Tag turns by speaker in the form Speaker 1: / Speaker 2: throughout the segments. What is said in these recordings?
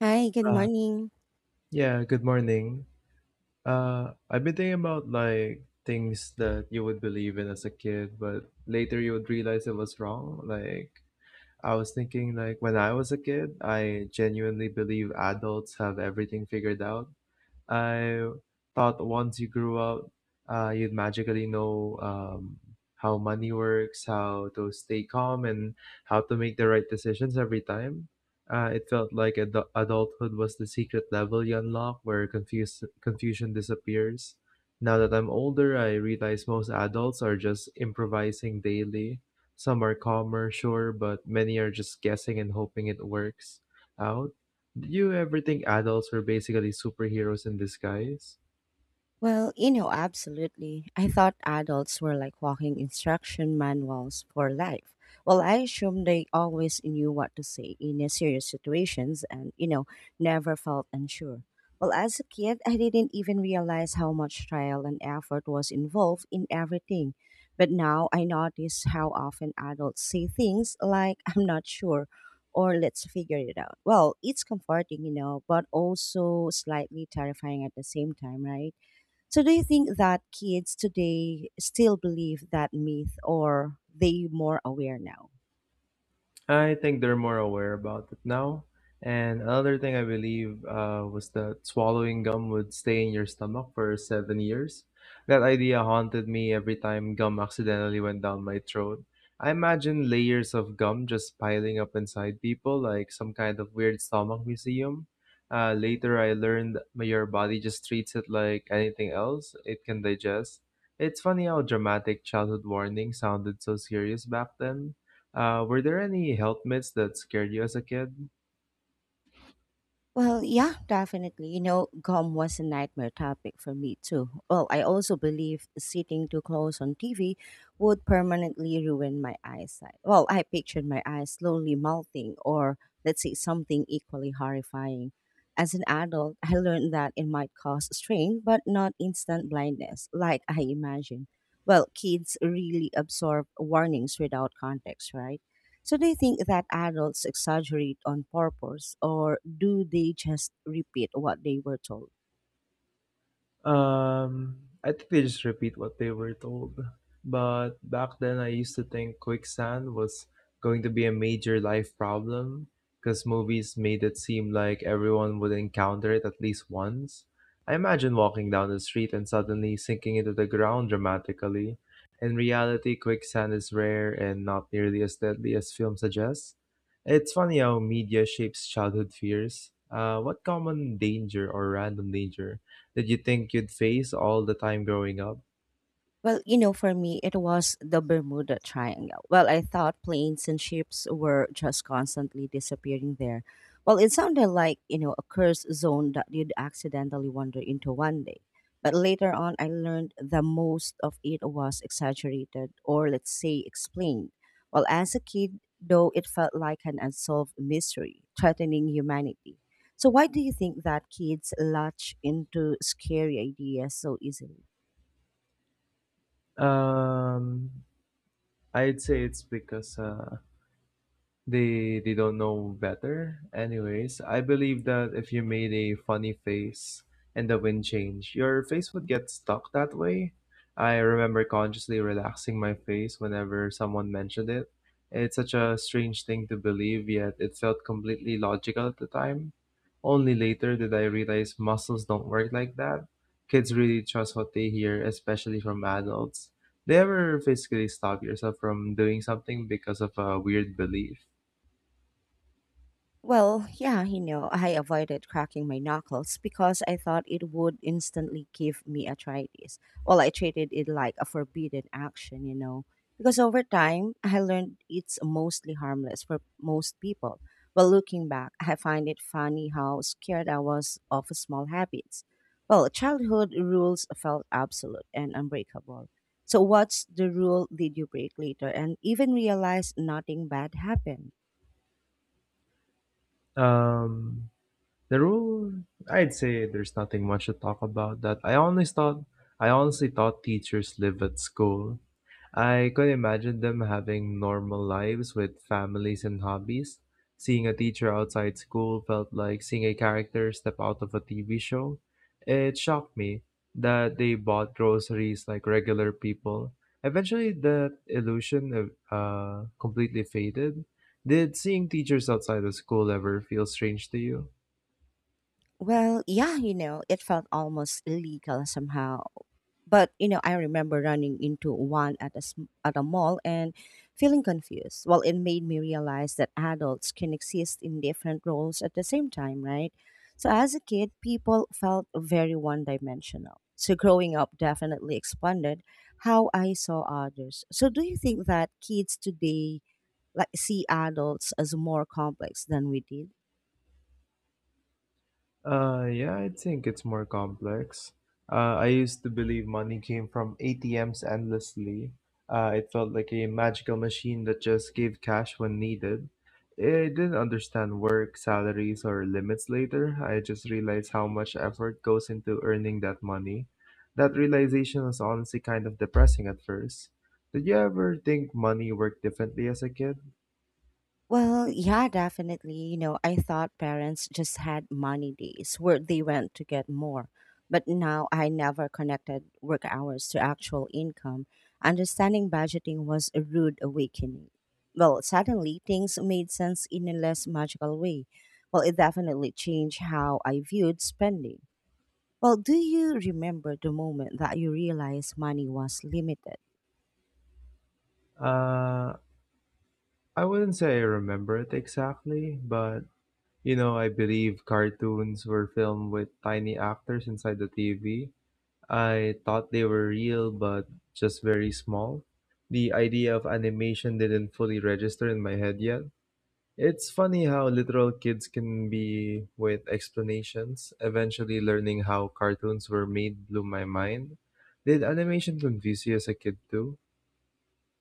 Speaker 1: Hi, good
Speaker 2: Uh,
Speaker 1: morning.
Speaker 2: yeah, good morning. I've been thinking about like things that you would believe in as a kid, but later you would realize it was wrong. Like I was thinking like when I was a kid, I genuinely believe adults have everything figured out. I thought once you grew up, you'd magically know how money works, how to stay calm, and how to make the right decisions every time. It felt like adulthood was the secret level you unlock where confusion disappears. Now that I'm older, I realize most adults are just improvising daily. Some are calmer, sure, but many are just guessing and hoping it works out. Do you ever think adults are basically superheroes in disguise?
Speaker 1: Well, absolutely. I thought adults were like walking instruction manuals for life. Well, I assumed they always knew what to say in a serious situations and, never felt unsure. Well, as a kid, I didn't even realize how much trial and effort was involved in everything. But now I notice how often adults say things like, I'm not sure, or let's figure it out. Well, it's comforting, but also slightly terrifying at the same time, right? So, do you think that kids today still believe that myth or they more aware now?
Speaker 2: I think they're more aware about it now. And another thing I believe was that swallowing gum would stay in your stomach for 7 years. That idea haunted me every time gum accidentally went down my throat. I imagine layers of gum just piling up inside people, like some kind of weird stomach museum. Later, I learned your body just treats it like anything else it can digest. It's funny how dramatic childhood warnings sounded so serious back then. Were there any health myths that scared you as a kid?
Speaker 1: Well, yeah, definitely. Gum was a nightmare topic for me too. Well, I also believe sitting too close on TV would permanently ruin my eyesight. Well, I pictured my eyes slowly melting, or let's say something equally horrifying. As an adult, I learned that it might cause strain, but not instant blindness, like I imagined. Well, kids really absorb warnings without context, right? So do you think that adults exaggerate on purpose or do they just repeat what they were told?
Speaker 2: Um, I think they just repeat what they were told. But back then, I used to think quicksand was going to be a major life problem because movies made it seem like everyone would encounter it at least once. I imagine walking down the street and suddenly sinking into the ground dramatically. In reality, quicksand is rare and not nearly as deadly as film suggests. It's funny how media shapes childhood fears. What common danger or random danger did you think you'd face all the time growing up?
Speaker 1: Well, for me, it was the Bermuda Triangle. Well, I thought planes and ships were just constantly disappearing there. Well, it sounded like, a cursed zone that you'd accidentally wander into one day. But later on, I learned that most of it was exaggerated or, let's say, explained. Well, as a kid, though, it felt like an unsolved mystery threatening humanity. So, why do you think that kids latch into scary ideas so easily?
Speaker 2: Um, I'd say it's because they don't know better. Anyways, I believe that if you made a funny face and the wind changed, your face would get stuck that way. I remember consciously relaxing my face whenever someone mentioned it. It's such a strange thing to believe, yet it felt completely logical at the time. Only later did I realize muscles don't work like that. Kids really trust what they hear, especially from adults. They ever physically stop yourself from doing something because of a weird belief?
Speaker 1: Well, yeah, I avoided cracking my knuckles because I thought it would instantly give me arthritis. Well, I treated it like a forbidden action, because over time I learned it's mostly harmless for most people. Well, looking back, I find it funny how scared I was of small habits. Well, childhood rules felt absolute and unbreakable. So, what's the rule did you break later and even realize nothing bad happened?
Speaker 2: Um, the rule, I'd say there's nothing much to talk about that. I honestly thought teachers live at school. I could imagine them having normal lives with families and hobbies. Seeing a teacher outside school felt like seeing a character step out of a TV show. It shocked me that they bought groceries like regular people. Eventually, the illusion of completely faded. Did seeing teachers outside of school ever feel strange to you?
Speaker 1: Well, yeah, it felt almost illegal somehow. But, I remember running into one at a mall and feeling confused. Well, it made me realize that adults can exist in different roles at the same time, right? So as a kid, people felt very one dimensional. So growing up definitely expanded how I saw others. So do you think that kids today like see adults as more complex than we did?
Speaker 2: Yeah, I think it's more complex. I used to believe money came from ATMs endlessly. It felt like a magical machine that just gave cash when needed. I didn't understand work, salaries, or limits later. I just realized how much effort goes into earning that money. That realization was honestly kind of depressing at first. Did you ever think money worked differently as a kid?
Speaker 1: Well, yeah, definitely. I thought parents just had money days where they went to get more. But now I never connected work hours to actual income. Understanding budgeting was a rude awakening. Well, suddenly things made sense in a less magical way. Well, it definitely changed how I viewed spending. Well, do you remember the moment that you realized money was limited?
Speaker 2: Uh, I wouldn't say I remember it exactly, but you know, I believe cartoons were filmed with tiny actors inside the TV. I thought they were real, but just very small. The idea of animation didn't fully register in my head yet. It's funny how literal kids can be with explanations. Eventually, learning how cartoons were made blew my mind. Did animation confuse you as a kid too?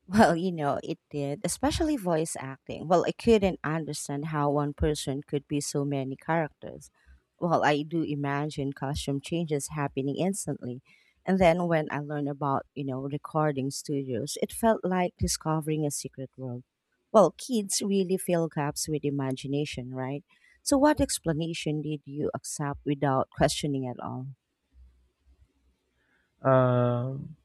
Speaker 1: Well, it did, especially voice acting. Well, I couldn't understand how one person could be so many characters. Well, I do imagine costume changes happening instantly. And then when I learned about, recording studios, it felt like discovering a secret world. Well, kids really fill gaps with imagination, right? So, what explanation did you accept without questioning at all?
Speaker 2: Um,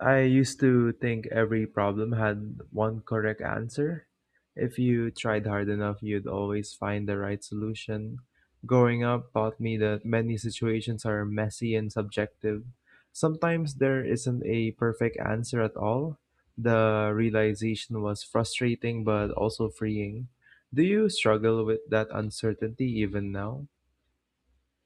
Speaker 2: I used to think every problem had one correct answer. If you tried hard enough, you'd always find the right solution. Growing up taught me that many situations are messy and subjective. Sometimes there isn't a perfect answer at all. The realization was frustrating but also freeing. Do you struggle with that uncertainty even now?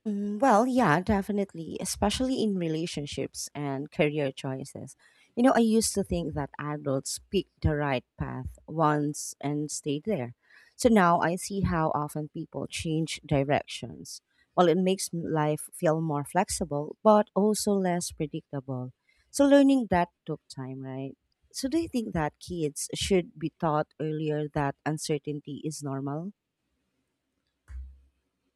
Speaker 1: Mm, well, yeah, definitely, especially in relationships and career choices. I used to think that adults picked the right path once and stayed there. So now I see how often people change directions. Well, it makes life feel more flexible, but also less predictable. So learning that took time, right? So do you think that kids should be taught earlier that uncertainty is normal?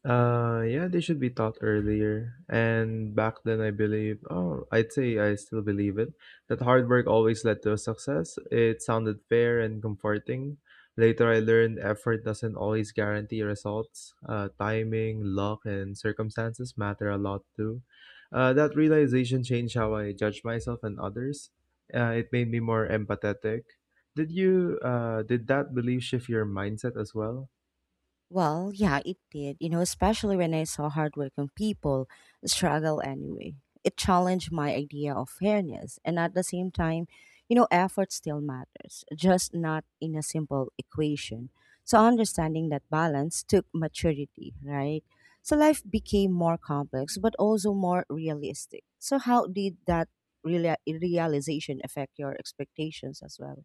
Speaker 2: Yeah, they should be taught earlier. And back then, I believe, oh, I'd say I still believe it, that hard work always led to success. It sounded fair and comforting. Later, I learned effort doesn't always guarantee results. Timing, luck, and circumstances matter a lot too. That realization changed how I judge myself and others. It made me more empathetic. Did did that belief shift your mindset as well?
Speaker 1: Well, yeah, it did, especially when I saw hardworking people struggle anyway. It challenged my idea of fairness. And at the same time, effort still matters, just not in a simple equation. So understanding that balance took maturity, right? So life became more complex, but also more realistic. So, how did that realization affect your expectations as well?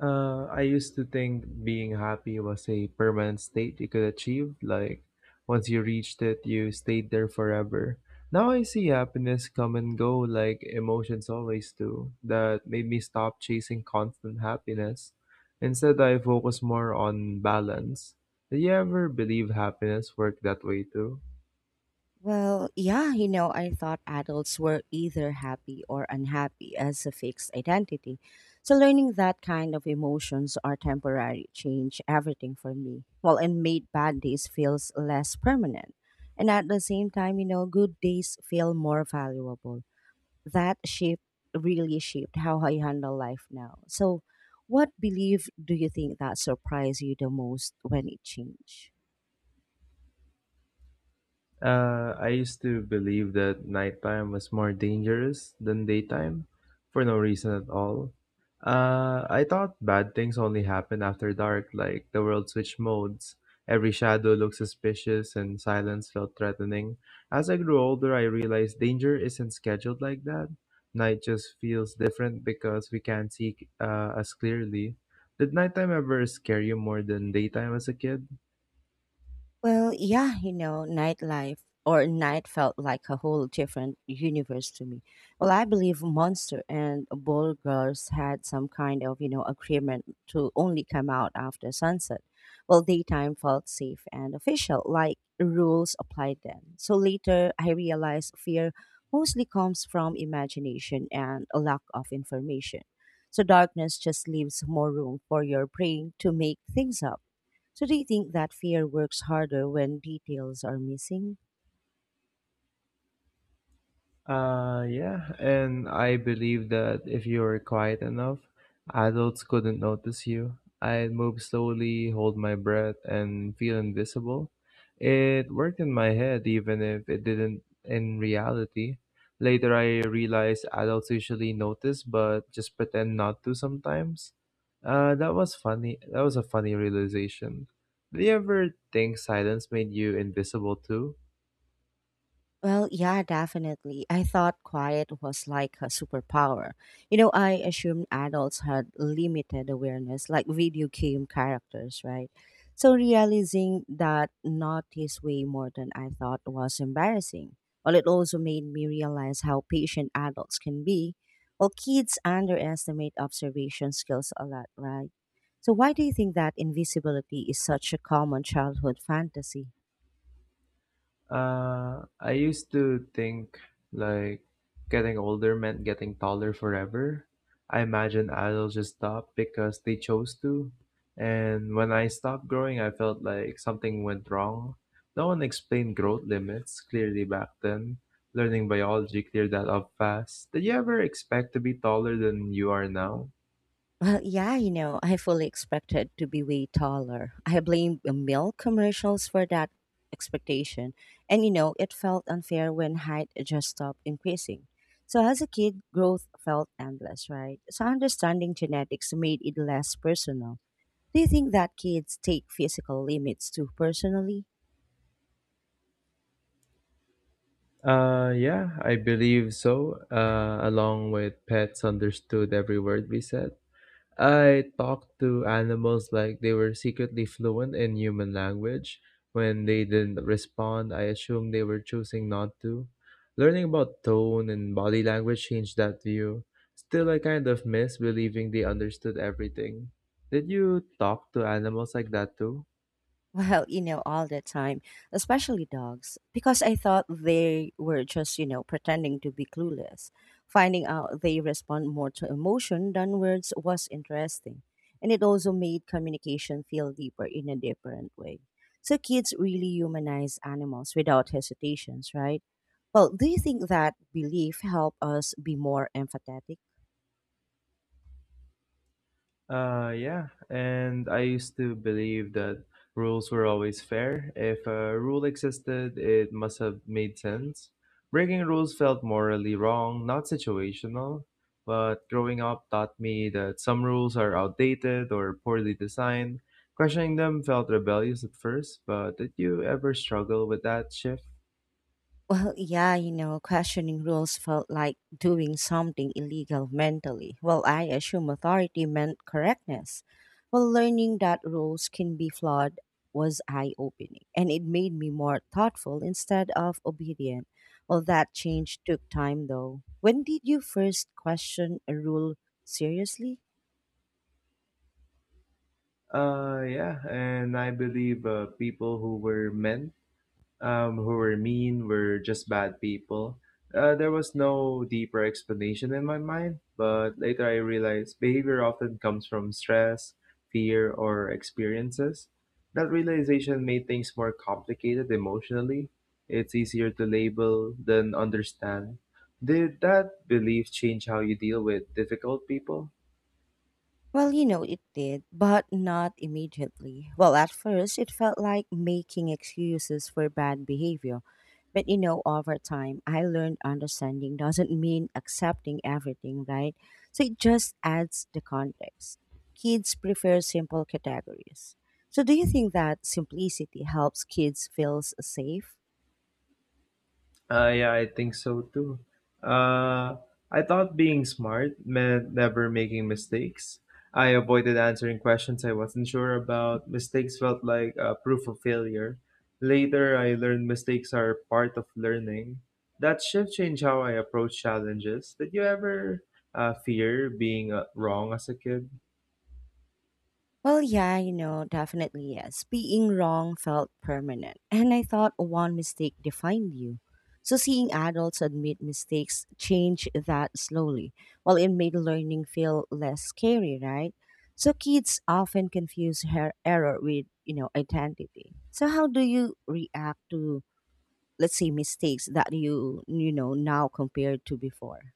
Speaker 2: I used to think being happy was a permanent state you could achieve. Like, once you reached it, you stayed there forever. Now I see happiness come and go like emotions always do. That made me stop chasing constant happiness. Instead, I focus more on balance. Did you ever believe happiness worked that way too?
Speaker 1: Well, yeah, I thought adults were either happy or unhappy as a fixed identity. So learning that kind of emotions are temporary changed everything for me. Well, and made bad days feels less permanent. And at the same time, good days feel more valuable. That shift really shaped how I handle life now. So what belief do you think that surprised you the most when it changed?
Speaker 2: I used to believe that nighttime was more dangerous than daytime for no reason at all. I thought bad things only happen after dark, like the world switched modes. Every shadow looked suspicious and silence felt threatening. As I grew older, I realized danger isn't scheduled like that. Night just feels different because we can't see as clearly. Did nighttime ever scare you more than daytime as a kid?
Speaker 1: Well, yeah, nightlife or night felt like a whole different universe to me. Well, I believe Monster and bold Girls had some kind of, agreement to only come out after sunset. Well, daytime felt safe and official, like rules applied then. So later, I realized fear mostly comes from imagination and a lack of information. So darkness just leaves more room for your brain to make things up. So do you think that fear works harder when details are missing?
Speaker 2: Yeah, and I believe that if you were quiet enough, adults couldn't notice you. I'd move slowly, hold my breath, and feel invisible. It worked in my head, even if it didn't in reality. Later, I realized adults usually notice, but just pretend not to sometimes. That was funny. That was a funny realization. Did you ever think silence made you invisible too?
Speaker 1: Well, yeah, definitely. I thought quiet was like a superpower. I assumed adults had limited awareness, like video game characters, right? So realizing that not his way more than I thought was embarrassing. Well, it also made me realize how patient adults can be. Well, kids underestimate observation skills a lot, right? So why do you think that invisibility is such a common childhood fantasy?
Speaker 2: I used to think like getting older meant getting taller forever. I imagine adults just stopped because they chose to. And when I stopped growing, I felt like something went wrong. No one explained growth limits clearly back then. Learning biology cleared that up fast. Did you ever expect to be taller than you are now?
Speaker 1: Well, yeah, I fully expected to be way taller. I blame the milk commercials for that expectation. And, it felt unfair when height just stopped increasing. So, as a kid, growth felt endless, right? So, understanding genetics made it less personal. Do you think that kids take physical limits too personally?
Speaker 2: Yeah, I believe so. Along with pets understood every word we said. I talked to animals like they were secretly fluent in human language. When they didn't respond, I assumed they were choosing not to. Learning about tone and body language changed that view. Still, I kind of miss believing they understood everything. Did you talk to animals like that too?
Speaker 1: Well, all the time, especially dogs, because I thought they were just, pretending to be clueless. Finding out they respond more to emotion than words was interesting. And it also made communication feel deeper in a different way. So kids really humanize animals without hesitations, right? Well, do you think that belief help us be more empathetic?
Speaker 2: Yeah, and I used to believe that rules were always fair. If a rule existed, it must have made sense. Breaking rules felt morally wrong, not situational. But growing up taught me that some rules are outdated or poorly designed. Questioning them felt rebellious at first, but did you ever struggle with that shift?
Speaker 1: Well, yeah, questioning rules felt like doing something illegal mentally. Well, I assume authority meant correctness. Well, learning that rules can be flawed was eye opening, and it made me more thoughtful instead of obedient. Well, that change took time though. When did you first question a rule seriously?
Speaker 2: Yeah, and I believe people who were meant who were mean, were just bad people. There was no deeper explanation in my mind, but later I realized behavior often comes from stress, fear, or experiences. That realization made things more complicated emotionally. It's easier to label than understand. Did that belief change how you deal with difficult people?
Speaker 1: Well, it did, but not immediately. Well, at first, it felt like making excuses for bad behavior. But, over time, I learned understanding doesn't mean accepting everything, right? So it just adds the context. Kids prefer simple categories. So, do you think that simplicity helps kids feel safe?
Speaker 2: Yeah, I think so too. Uh, I thought being smart meant never making mistakes. I avoided answering questions I wasn't sure about. Mistakes felt like proof of failure. Later, I learned mistakes are part of learning. That shift changed how I approach challenges. Did you ever fear being wrong as a kid?
Speaker 1: Well, yeah, definitely yes. Being wrong felt permanent. And I thought one mistake defined you. So seeing adults admit mistakes changed that slowly. While it made learning feel less scary, right? So kids often confuse her error with, identity. So how do you react to, let's say, mistakes that you, now compared to before?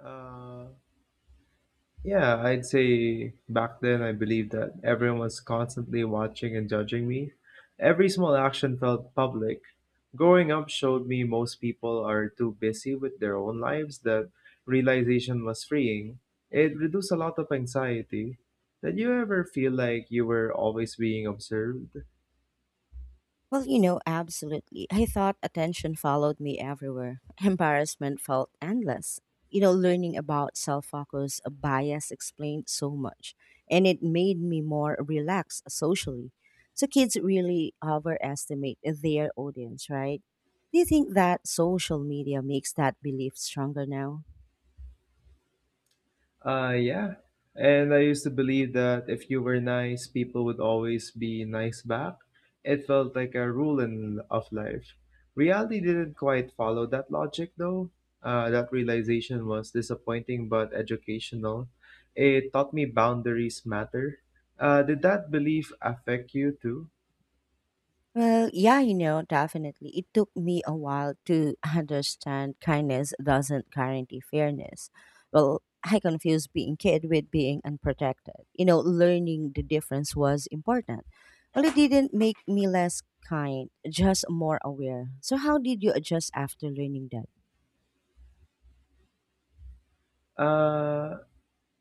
Speaker 2: Uh, Yeah, I'd say back then I believed that everyone was constantly watching and judging me. Every small action felt public. Growing up showed me most people are too busy with their own lives that realization was freeing. It reduced a lot of anxiety. Did you ever feel like you were always being observed?
Speaker 1: Well, absolutely. I thought attention followed me everywhere. Embarrassment felt endless. Learning about self focus bias explained so much, and it made me more relaxed socially. So, kids really overestimate their audience, right? Do you think that social media makes that belief stronger now?
Speaker 2: Yeah. And I used to believe that if you were nice, people would always be nice back. It felt like a rule in, of life. Reality didn't quite follow that logic, though. That realization was disappointing but educational. It taught me boundaries matter. Did that belief affect you too?
Speaker 1: Well, yeah, definitely. It took me a while to understand kindness doesn't guarantee fairness. Well, I confused being kid with being unprotected. Learning the difference was important. Well, it didn't make me less kind, just more aware. So, how did you adjust after learning that?
Speaker 2: Uh,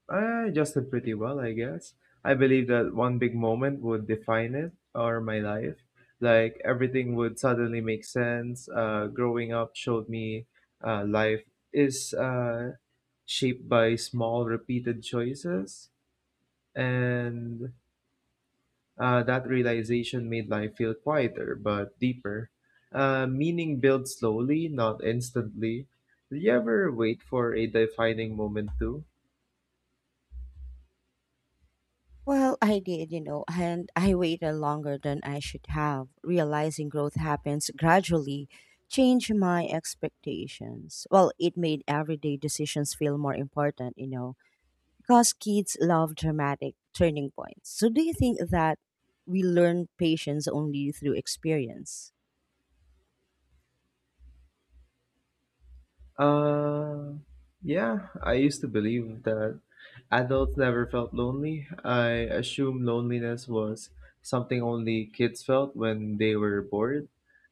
Speaker 2: I adjusted pretty well, I guess. I believe that one big moment would define it or my life. Like everything would suddenly make sense. Growing up showed me life is shaped by small, repeated choices. And that realization made life feel quieter but deeper. Meaning builds slowly, not instantly. Did you ever wait for a defining moment too?
Speaker 1: Well, I did, and I waited longer than I should have. Realizing growth happens gradually changed my expectations. Well, it made everyday decisions feel more important, because kids love dramatic turning points. So, do you think that we learn patience only through experience?
Speaker 2: Uh, yeah, I used to believe that adults never felt lonely. I assumed loneliness was something only kids felt when they were bored.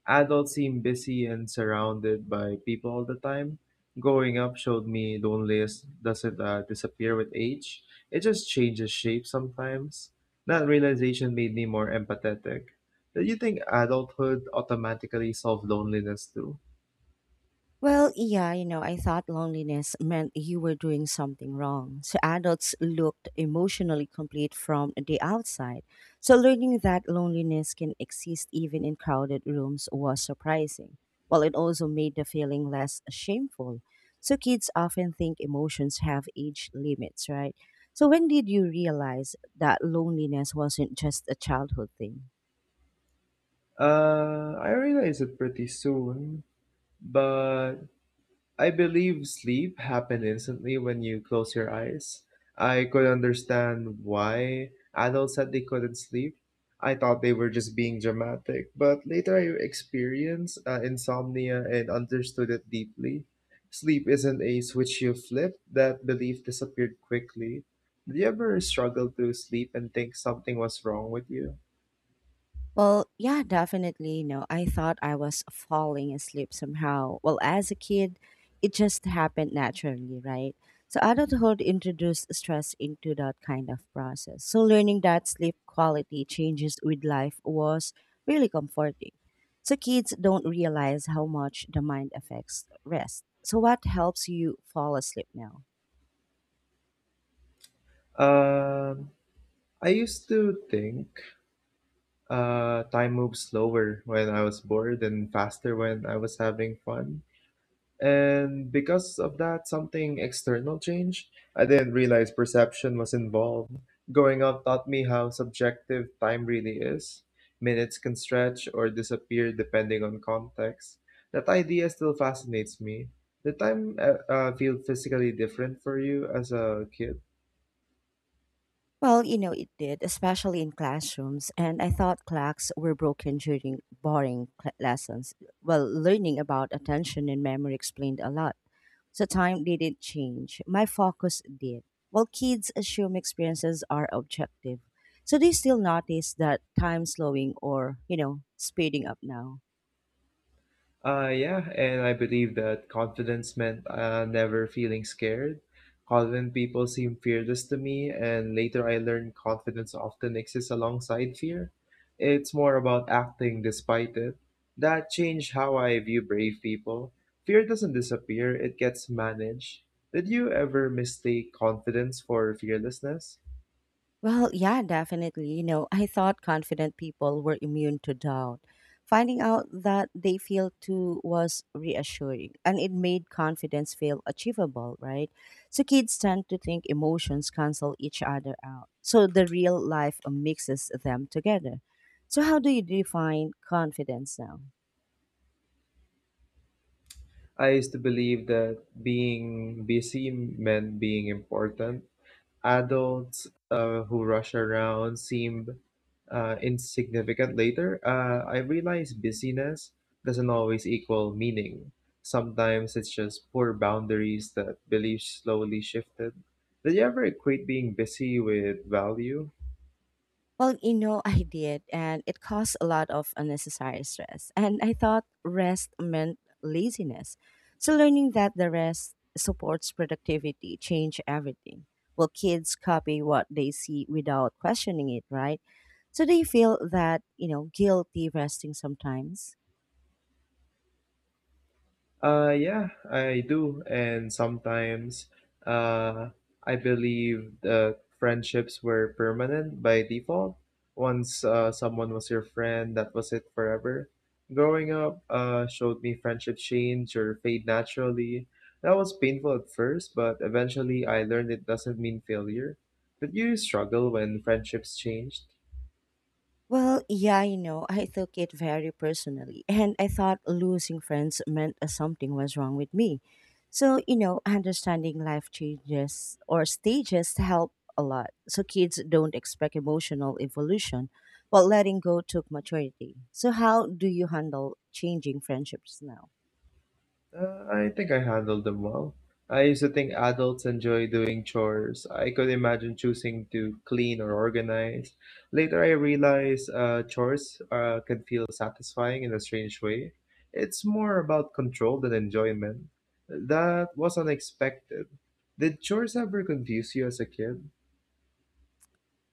Speaker 2: Adults seem busy and surrounded by people all the time. Growing up showed me loneliness doesn't disappear with age, it just changes shape sometimes. That realization made me more empathetic. Do you think adulthood automatically solved loneliness too?
Speaker 1: Well, yeah, I thought loneliness meant you were doing something wrong. So adults looked emotionally complete from the outside. So learning that loneliness can exist even in crowded rooms was surprising. While it also made the feeling less shameful. So kids often think emotions have age limits, right? So when did you realize that loneliness wasn't just a childhood thing?
Speaker 2: I realized it pretty soon, but I believe sleep happened instantly when you close your eyes. I could understand why adults said they couldn't sleep. I thought they were just being dramatic, but later I experienced insomnia and understood it deeply. Sleep isn't a switch you flip, that belief disappeared quickly. Did you ever struggle to sleep and think something was wrong with you?
Speaker 1: Well, yeah, definitely. I thought I was falling asleep somehow. Well, as a kid, it just happened naturally, right? So adulthood introduced stress into that kind of process. So learning that sleep quality changes with life was really comforting. So kids don't realize how much the mind affects rest. So what helps you fall asleep now?
Speaker 2: Um, I used to think time moved slower when I was bored and faster when I was having fun. And because of that, something external changed. I didn't realize perception was involved. Going out taught me how subjective time really is. Minutes can stretch or disappear depending on context. That idea still fascinates me. Did time feel physically different for you as a kid?
Speaker 1: Well, it did, especially in classrooms. And I thought clocks were broken during boring lessons. Well, learning about attention and memory explained a lot. So time didn't change. My focus did. Well, kids assume experiences are objective. So they still notice that time slowing or, speeding up now.
Speaker 2: Yeah, and I believe that confidence meant never feeling scared. Confident people seem fearless to me, and later I learned confidence often exists alongside fear. It's more about acting despite it. That changed how I view brave people. Fear doesn't disappear, it gets managed. Did you ever mistake confidence for fearlessness?
Speaker 1: Well, yeah, definitely. You know, I thought confident people were immune to doubt. Finding out that they feel too was reassuring, and it made confidence feel achievable, right? So kids tend to think emotions cancel each other out. So the real life mixes them together. So, how do you define confidence now?
Speaker 2: I used to believe that being busy meant being important. Adults who rush around seem insignificant later. I realize busyness doesn't always equal meaning. Sometimes it's just poor boundaries that beliefs slowly shifted. Did you ever equate being busy with value?
Speaker 1: Well, you know, I did, and it caused a lot of unnecessary stress. And I thought rest meant laziness. So, learning that the rest supports productivity changed everything. Well, kids copy what they see without questioning it, right? So, they feel that, you know, guilty resting sometimes.
Speaker 2: Yeah, I do. And sometimes uh, I believe that friendships were permanent by default. Once someone was your friend, that was it forever. Growing up showed me friendships change or fade naturally. That was painful at first, but eventually I learned it doesn't mean failure. Did you struggle when friendships changed?
Speaker 1: Well, yeah, you know, I took it very personally, and I thought losing friends meant something was wrong with me. So, you know, understanding life changes or stages help a lot. So, kids don't expect emotional evolution, but letting go took maturity. So, how do you handle changing friendships now?
Speaker 2: I think I handled them well. I used to think adults enjoy doing chores. I could imagine choosing to clean or organize. Later, I realized chores can feel satisfying in a strange way. It's more about control than enjoyment. That was unexpected. Did chores ever confuse you as a kid?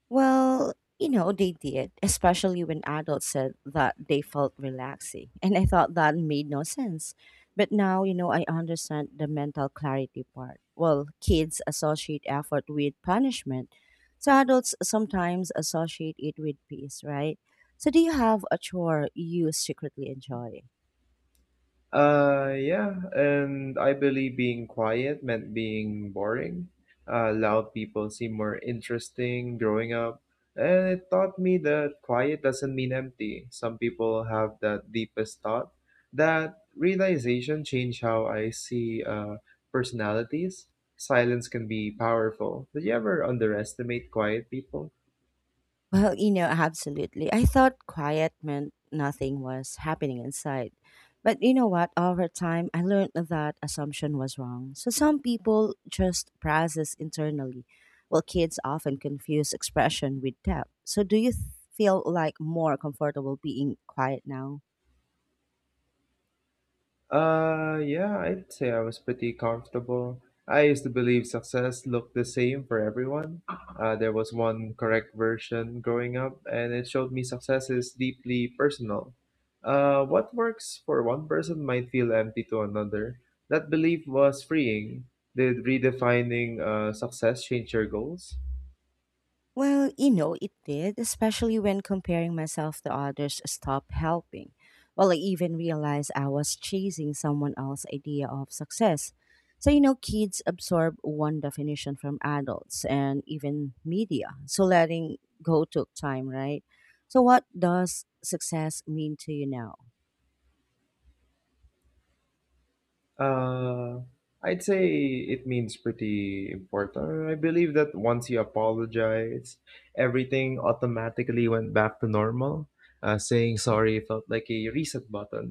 Speaker 1: Well, you know, they did, especially when adults said that they felt relaxing. And I thought that made no sense. But now, you know, I understand the mental clarity part. Well, kids associate effort with punishment. So adults sometimes associate it with peace, right? So do you have a chore you secretly enjoy?
Speaker 2: Yeah, and I believe being quiet meant being boring. Loud people seem more interesting growing up, and it taught me that quiet doesn't mean empty. Some people have that deepest thought. That realization changed how I see personalities. Silence can be powerful. Did you ever underestimate quiet people?
Speaker 1: Well, you know, absolutely. I thought quiet meant nothing was happening inside. But you know what? Over time, I learned that assumption was wrong. So some people just process internally, while kids often confuse expression with depth. So do you feel like more comfortable being quiet now?
Speaker 2: Yeah, I'd say I was pretty comfortable. I used to believe success looked the same for everyone. There was one correct version growing up, and it showed me success is deeply personal. What works for one person might feel empty to another. That belief was freeing. Did redefining success change your goals?
Speaker 1: Well, you know, it did, especially when comparing myself to others stopped helping. Well, I even realized I was chasing someone else's idea of success. So, you know, kids absorb one definition from adults and even media. So letting go took time, right? So what does success mean to you now?
Speaker 2: Uh, I'd say it means pretty important. I believe that once you apologize, everything automatically went back to normal. Saying sorry felt like a reset button.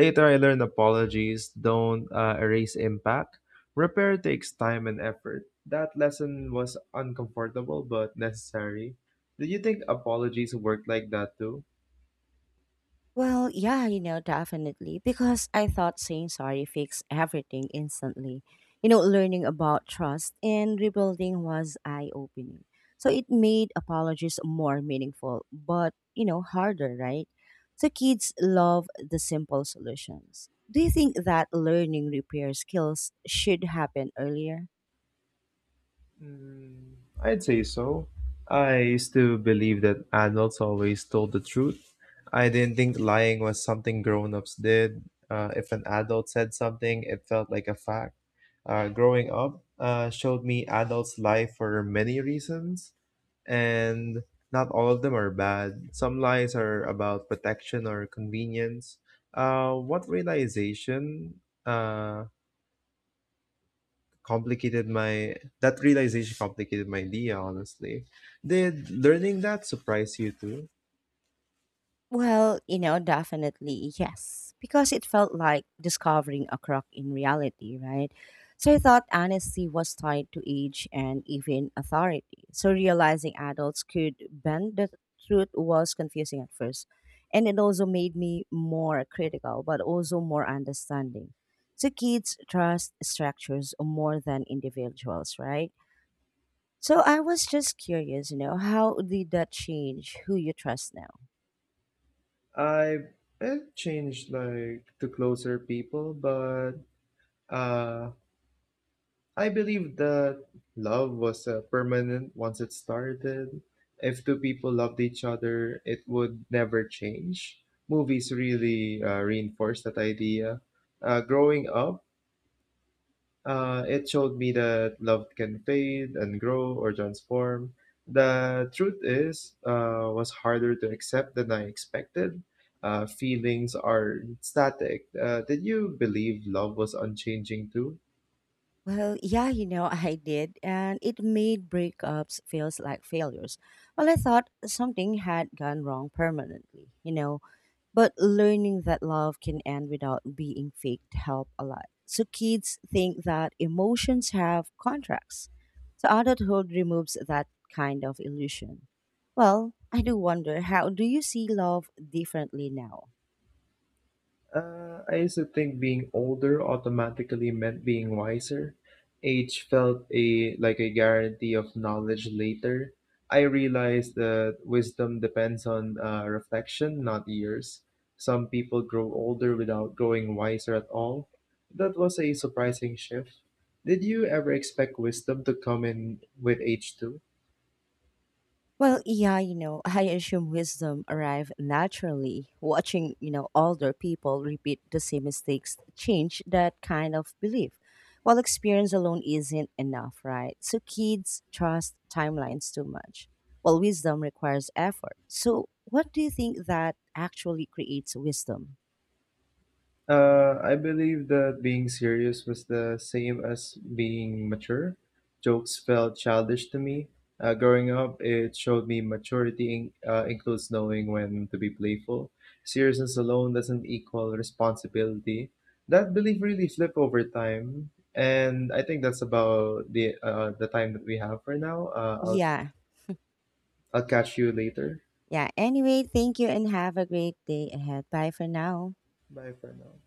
Speaker 2: Later, I learned apologies don't erase impact. Repair takes time and effort. That lesson was uncomfortable but necessary. Do you think apologies worked like that too?
Speaker 1: Well, yeah, you know, definitely. Because I thought saying sorry fixed everything instantly. You know, learning about trust and rebuilding was eye opening. So it made apologies more meaningful, but, you know, harder, right? So kids love the simple solutions. Do you think that learning repair skills should happen earlier?
Speaker 2: Mm, I'd say so. I still believe that adults always told the truth. I didn't think lying was something grown ups did. If an adult said something, it felt like a fact. Growing up showed me adults lie for many reasons, and not all of them are bad. Some lies are about protection or convenience. What realization uh, complicated my That realization complicated my idea honestly. Did learning that surprise you too?
Speaker 1: Well, you know, definitely yes, because it felt like discovering a crock in reality, right? So I thought honesty was tied to age and even authority. So realizing adults could bend the truth was confusing at first. And it also made me more critical, but also more understanding. So kids trust structures more than individuals, right? So I was just curious, you know, how did that change who you trust now?
Speaker 2: I it changed like to closer people, but uh, I believe that love was permanent once it started. If two people loved each other, it would never change. Movies really reinforced that idea. Growing up, it showed me that love can fade and grow or transform. The truth is, was harder to accept than I expected. Feelings are static. Did you believe love was unchanging too?
Speaker 1: Well, yeah, you know, I did, and it made breakups feels like failures. Well, I thought something had gone wrong permanently, you know, but learning that love can end without being faked help a lot. So kids think that emotions have contracts. So adulthood removes that kind of illusion. Well, I do wonder how do you see love differently now?
Speaker 2: I used to think being older automatically meant being wiser. Age felt a like a guarantee of knowledge later. I realized that wisdom depends on reflection, not years. Some people grow older without growing wiser at all. That was a surprising shift. Did you ever expect wisdom to come in with age too?
Speaker 1: Well, yeah, you know, I assume wisdom arrive naturally. Watching, you know, older people repeat the same mistakes change that kind of belief. While experience alone isn't enough, right? So kids trust timelines too much. While wisdom requires effort. So what do you think that actually creates wisdom?
Speaker 2: I believe that being serious was the same as being mature. Jokes felt childish to me. Growing up, it showed me maturity includes knowing when to be playful. Seriousness alone doesn't equal responsibility. That belief really flipped over time, and I think that's about the time that we have for now. Uh, I'll
Speaker 1: Yeah.
Speaker 2: I'll catch you later.
Speaker 1: Yeah. Anyway, thank you and have a great day ahead. Bye for now.
Speaker 2: Bye for now.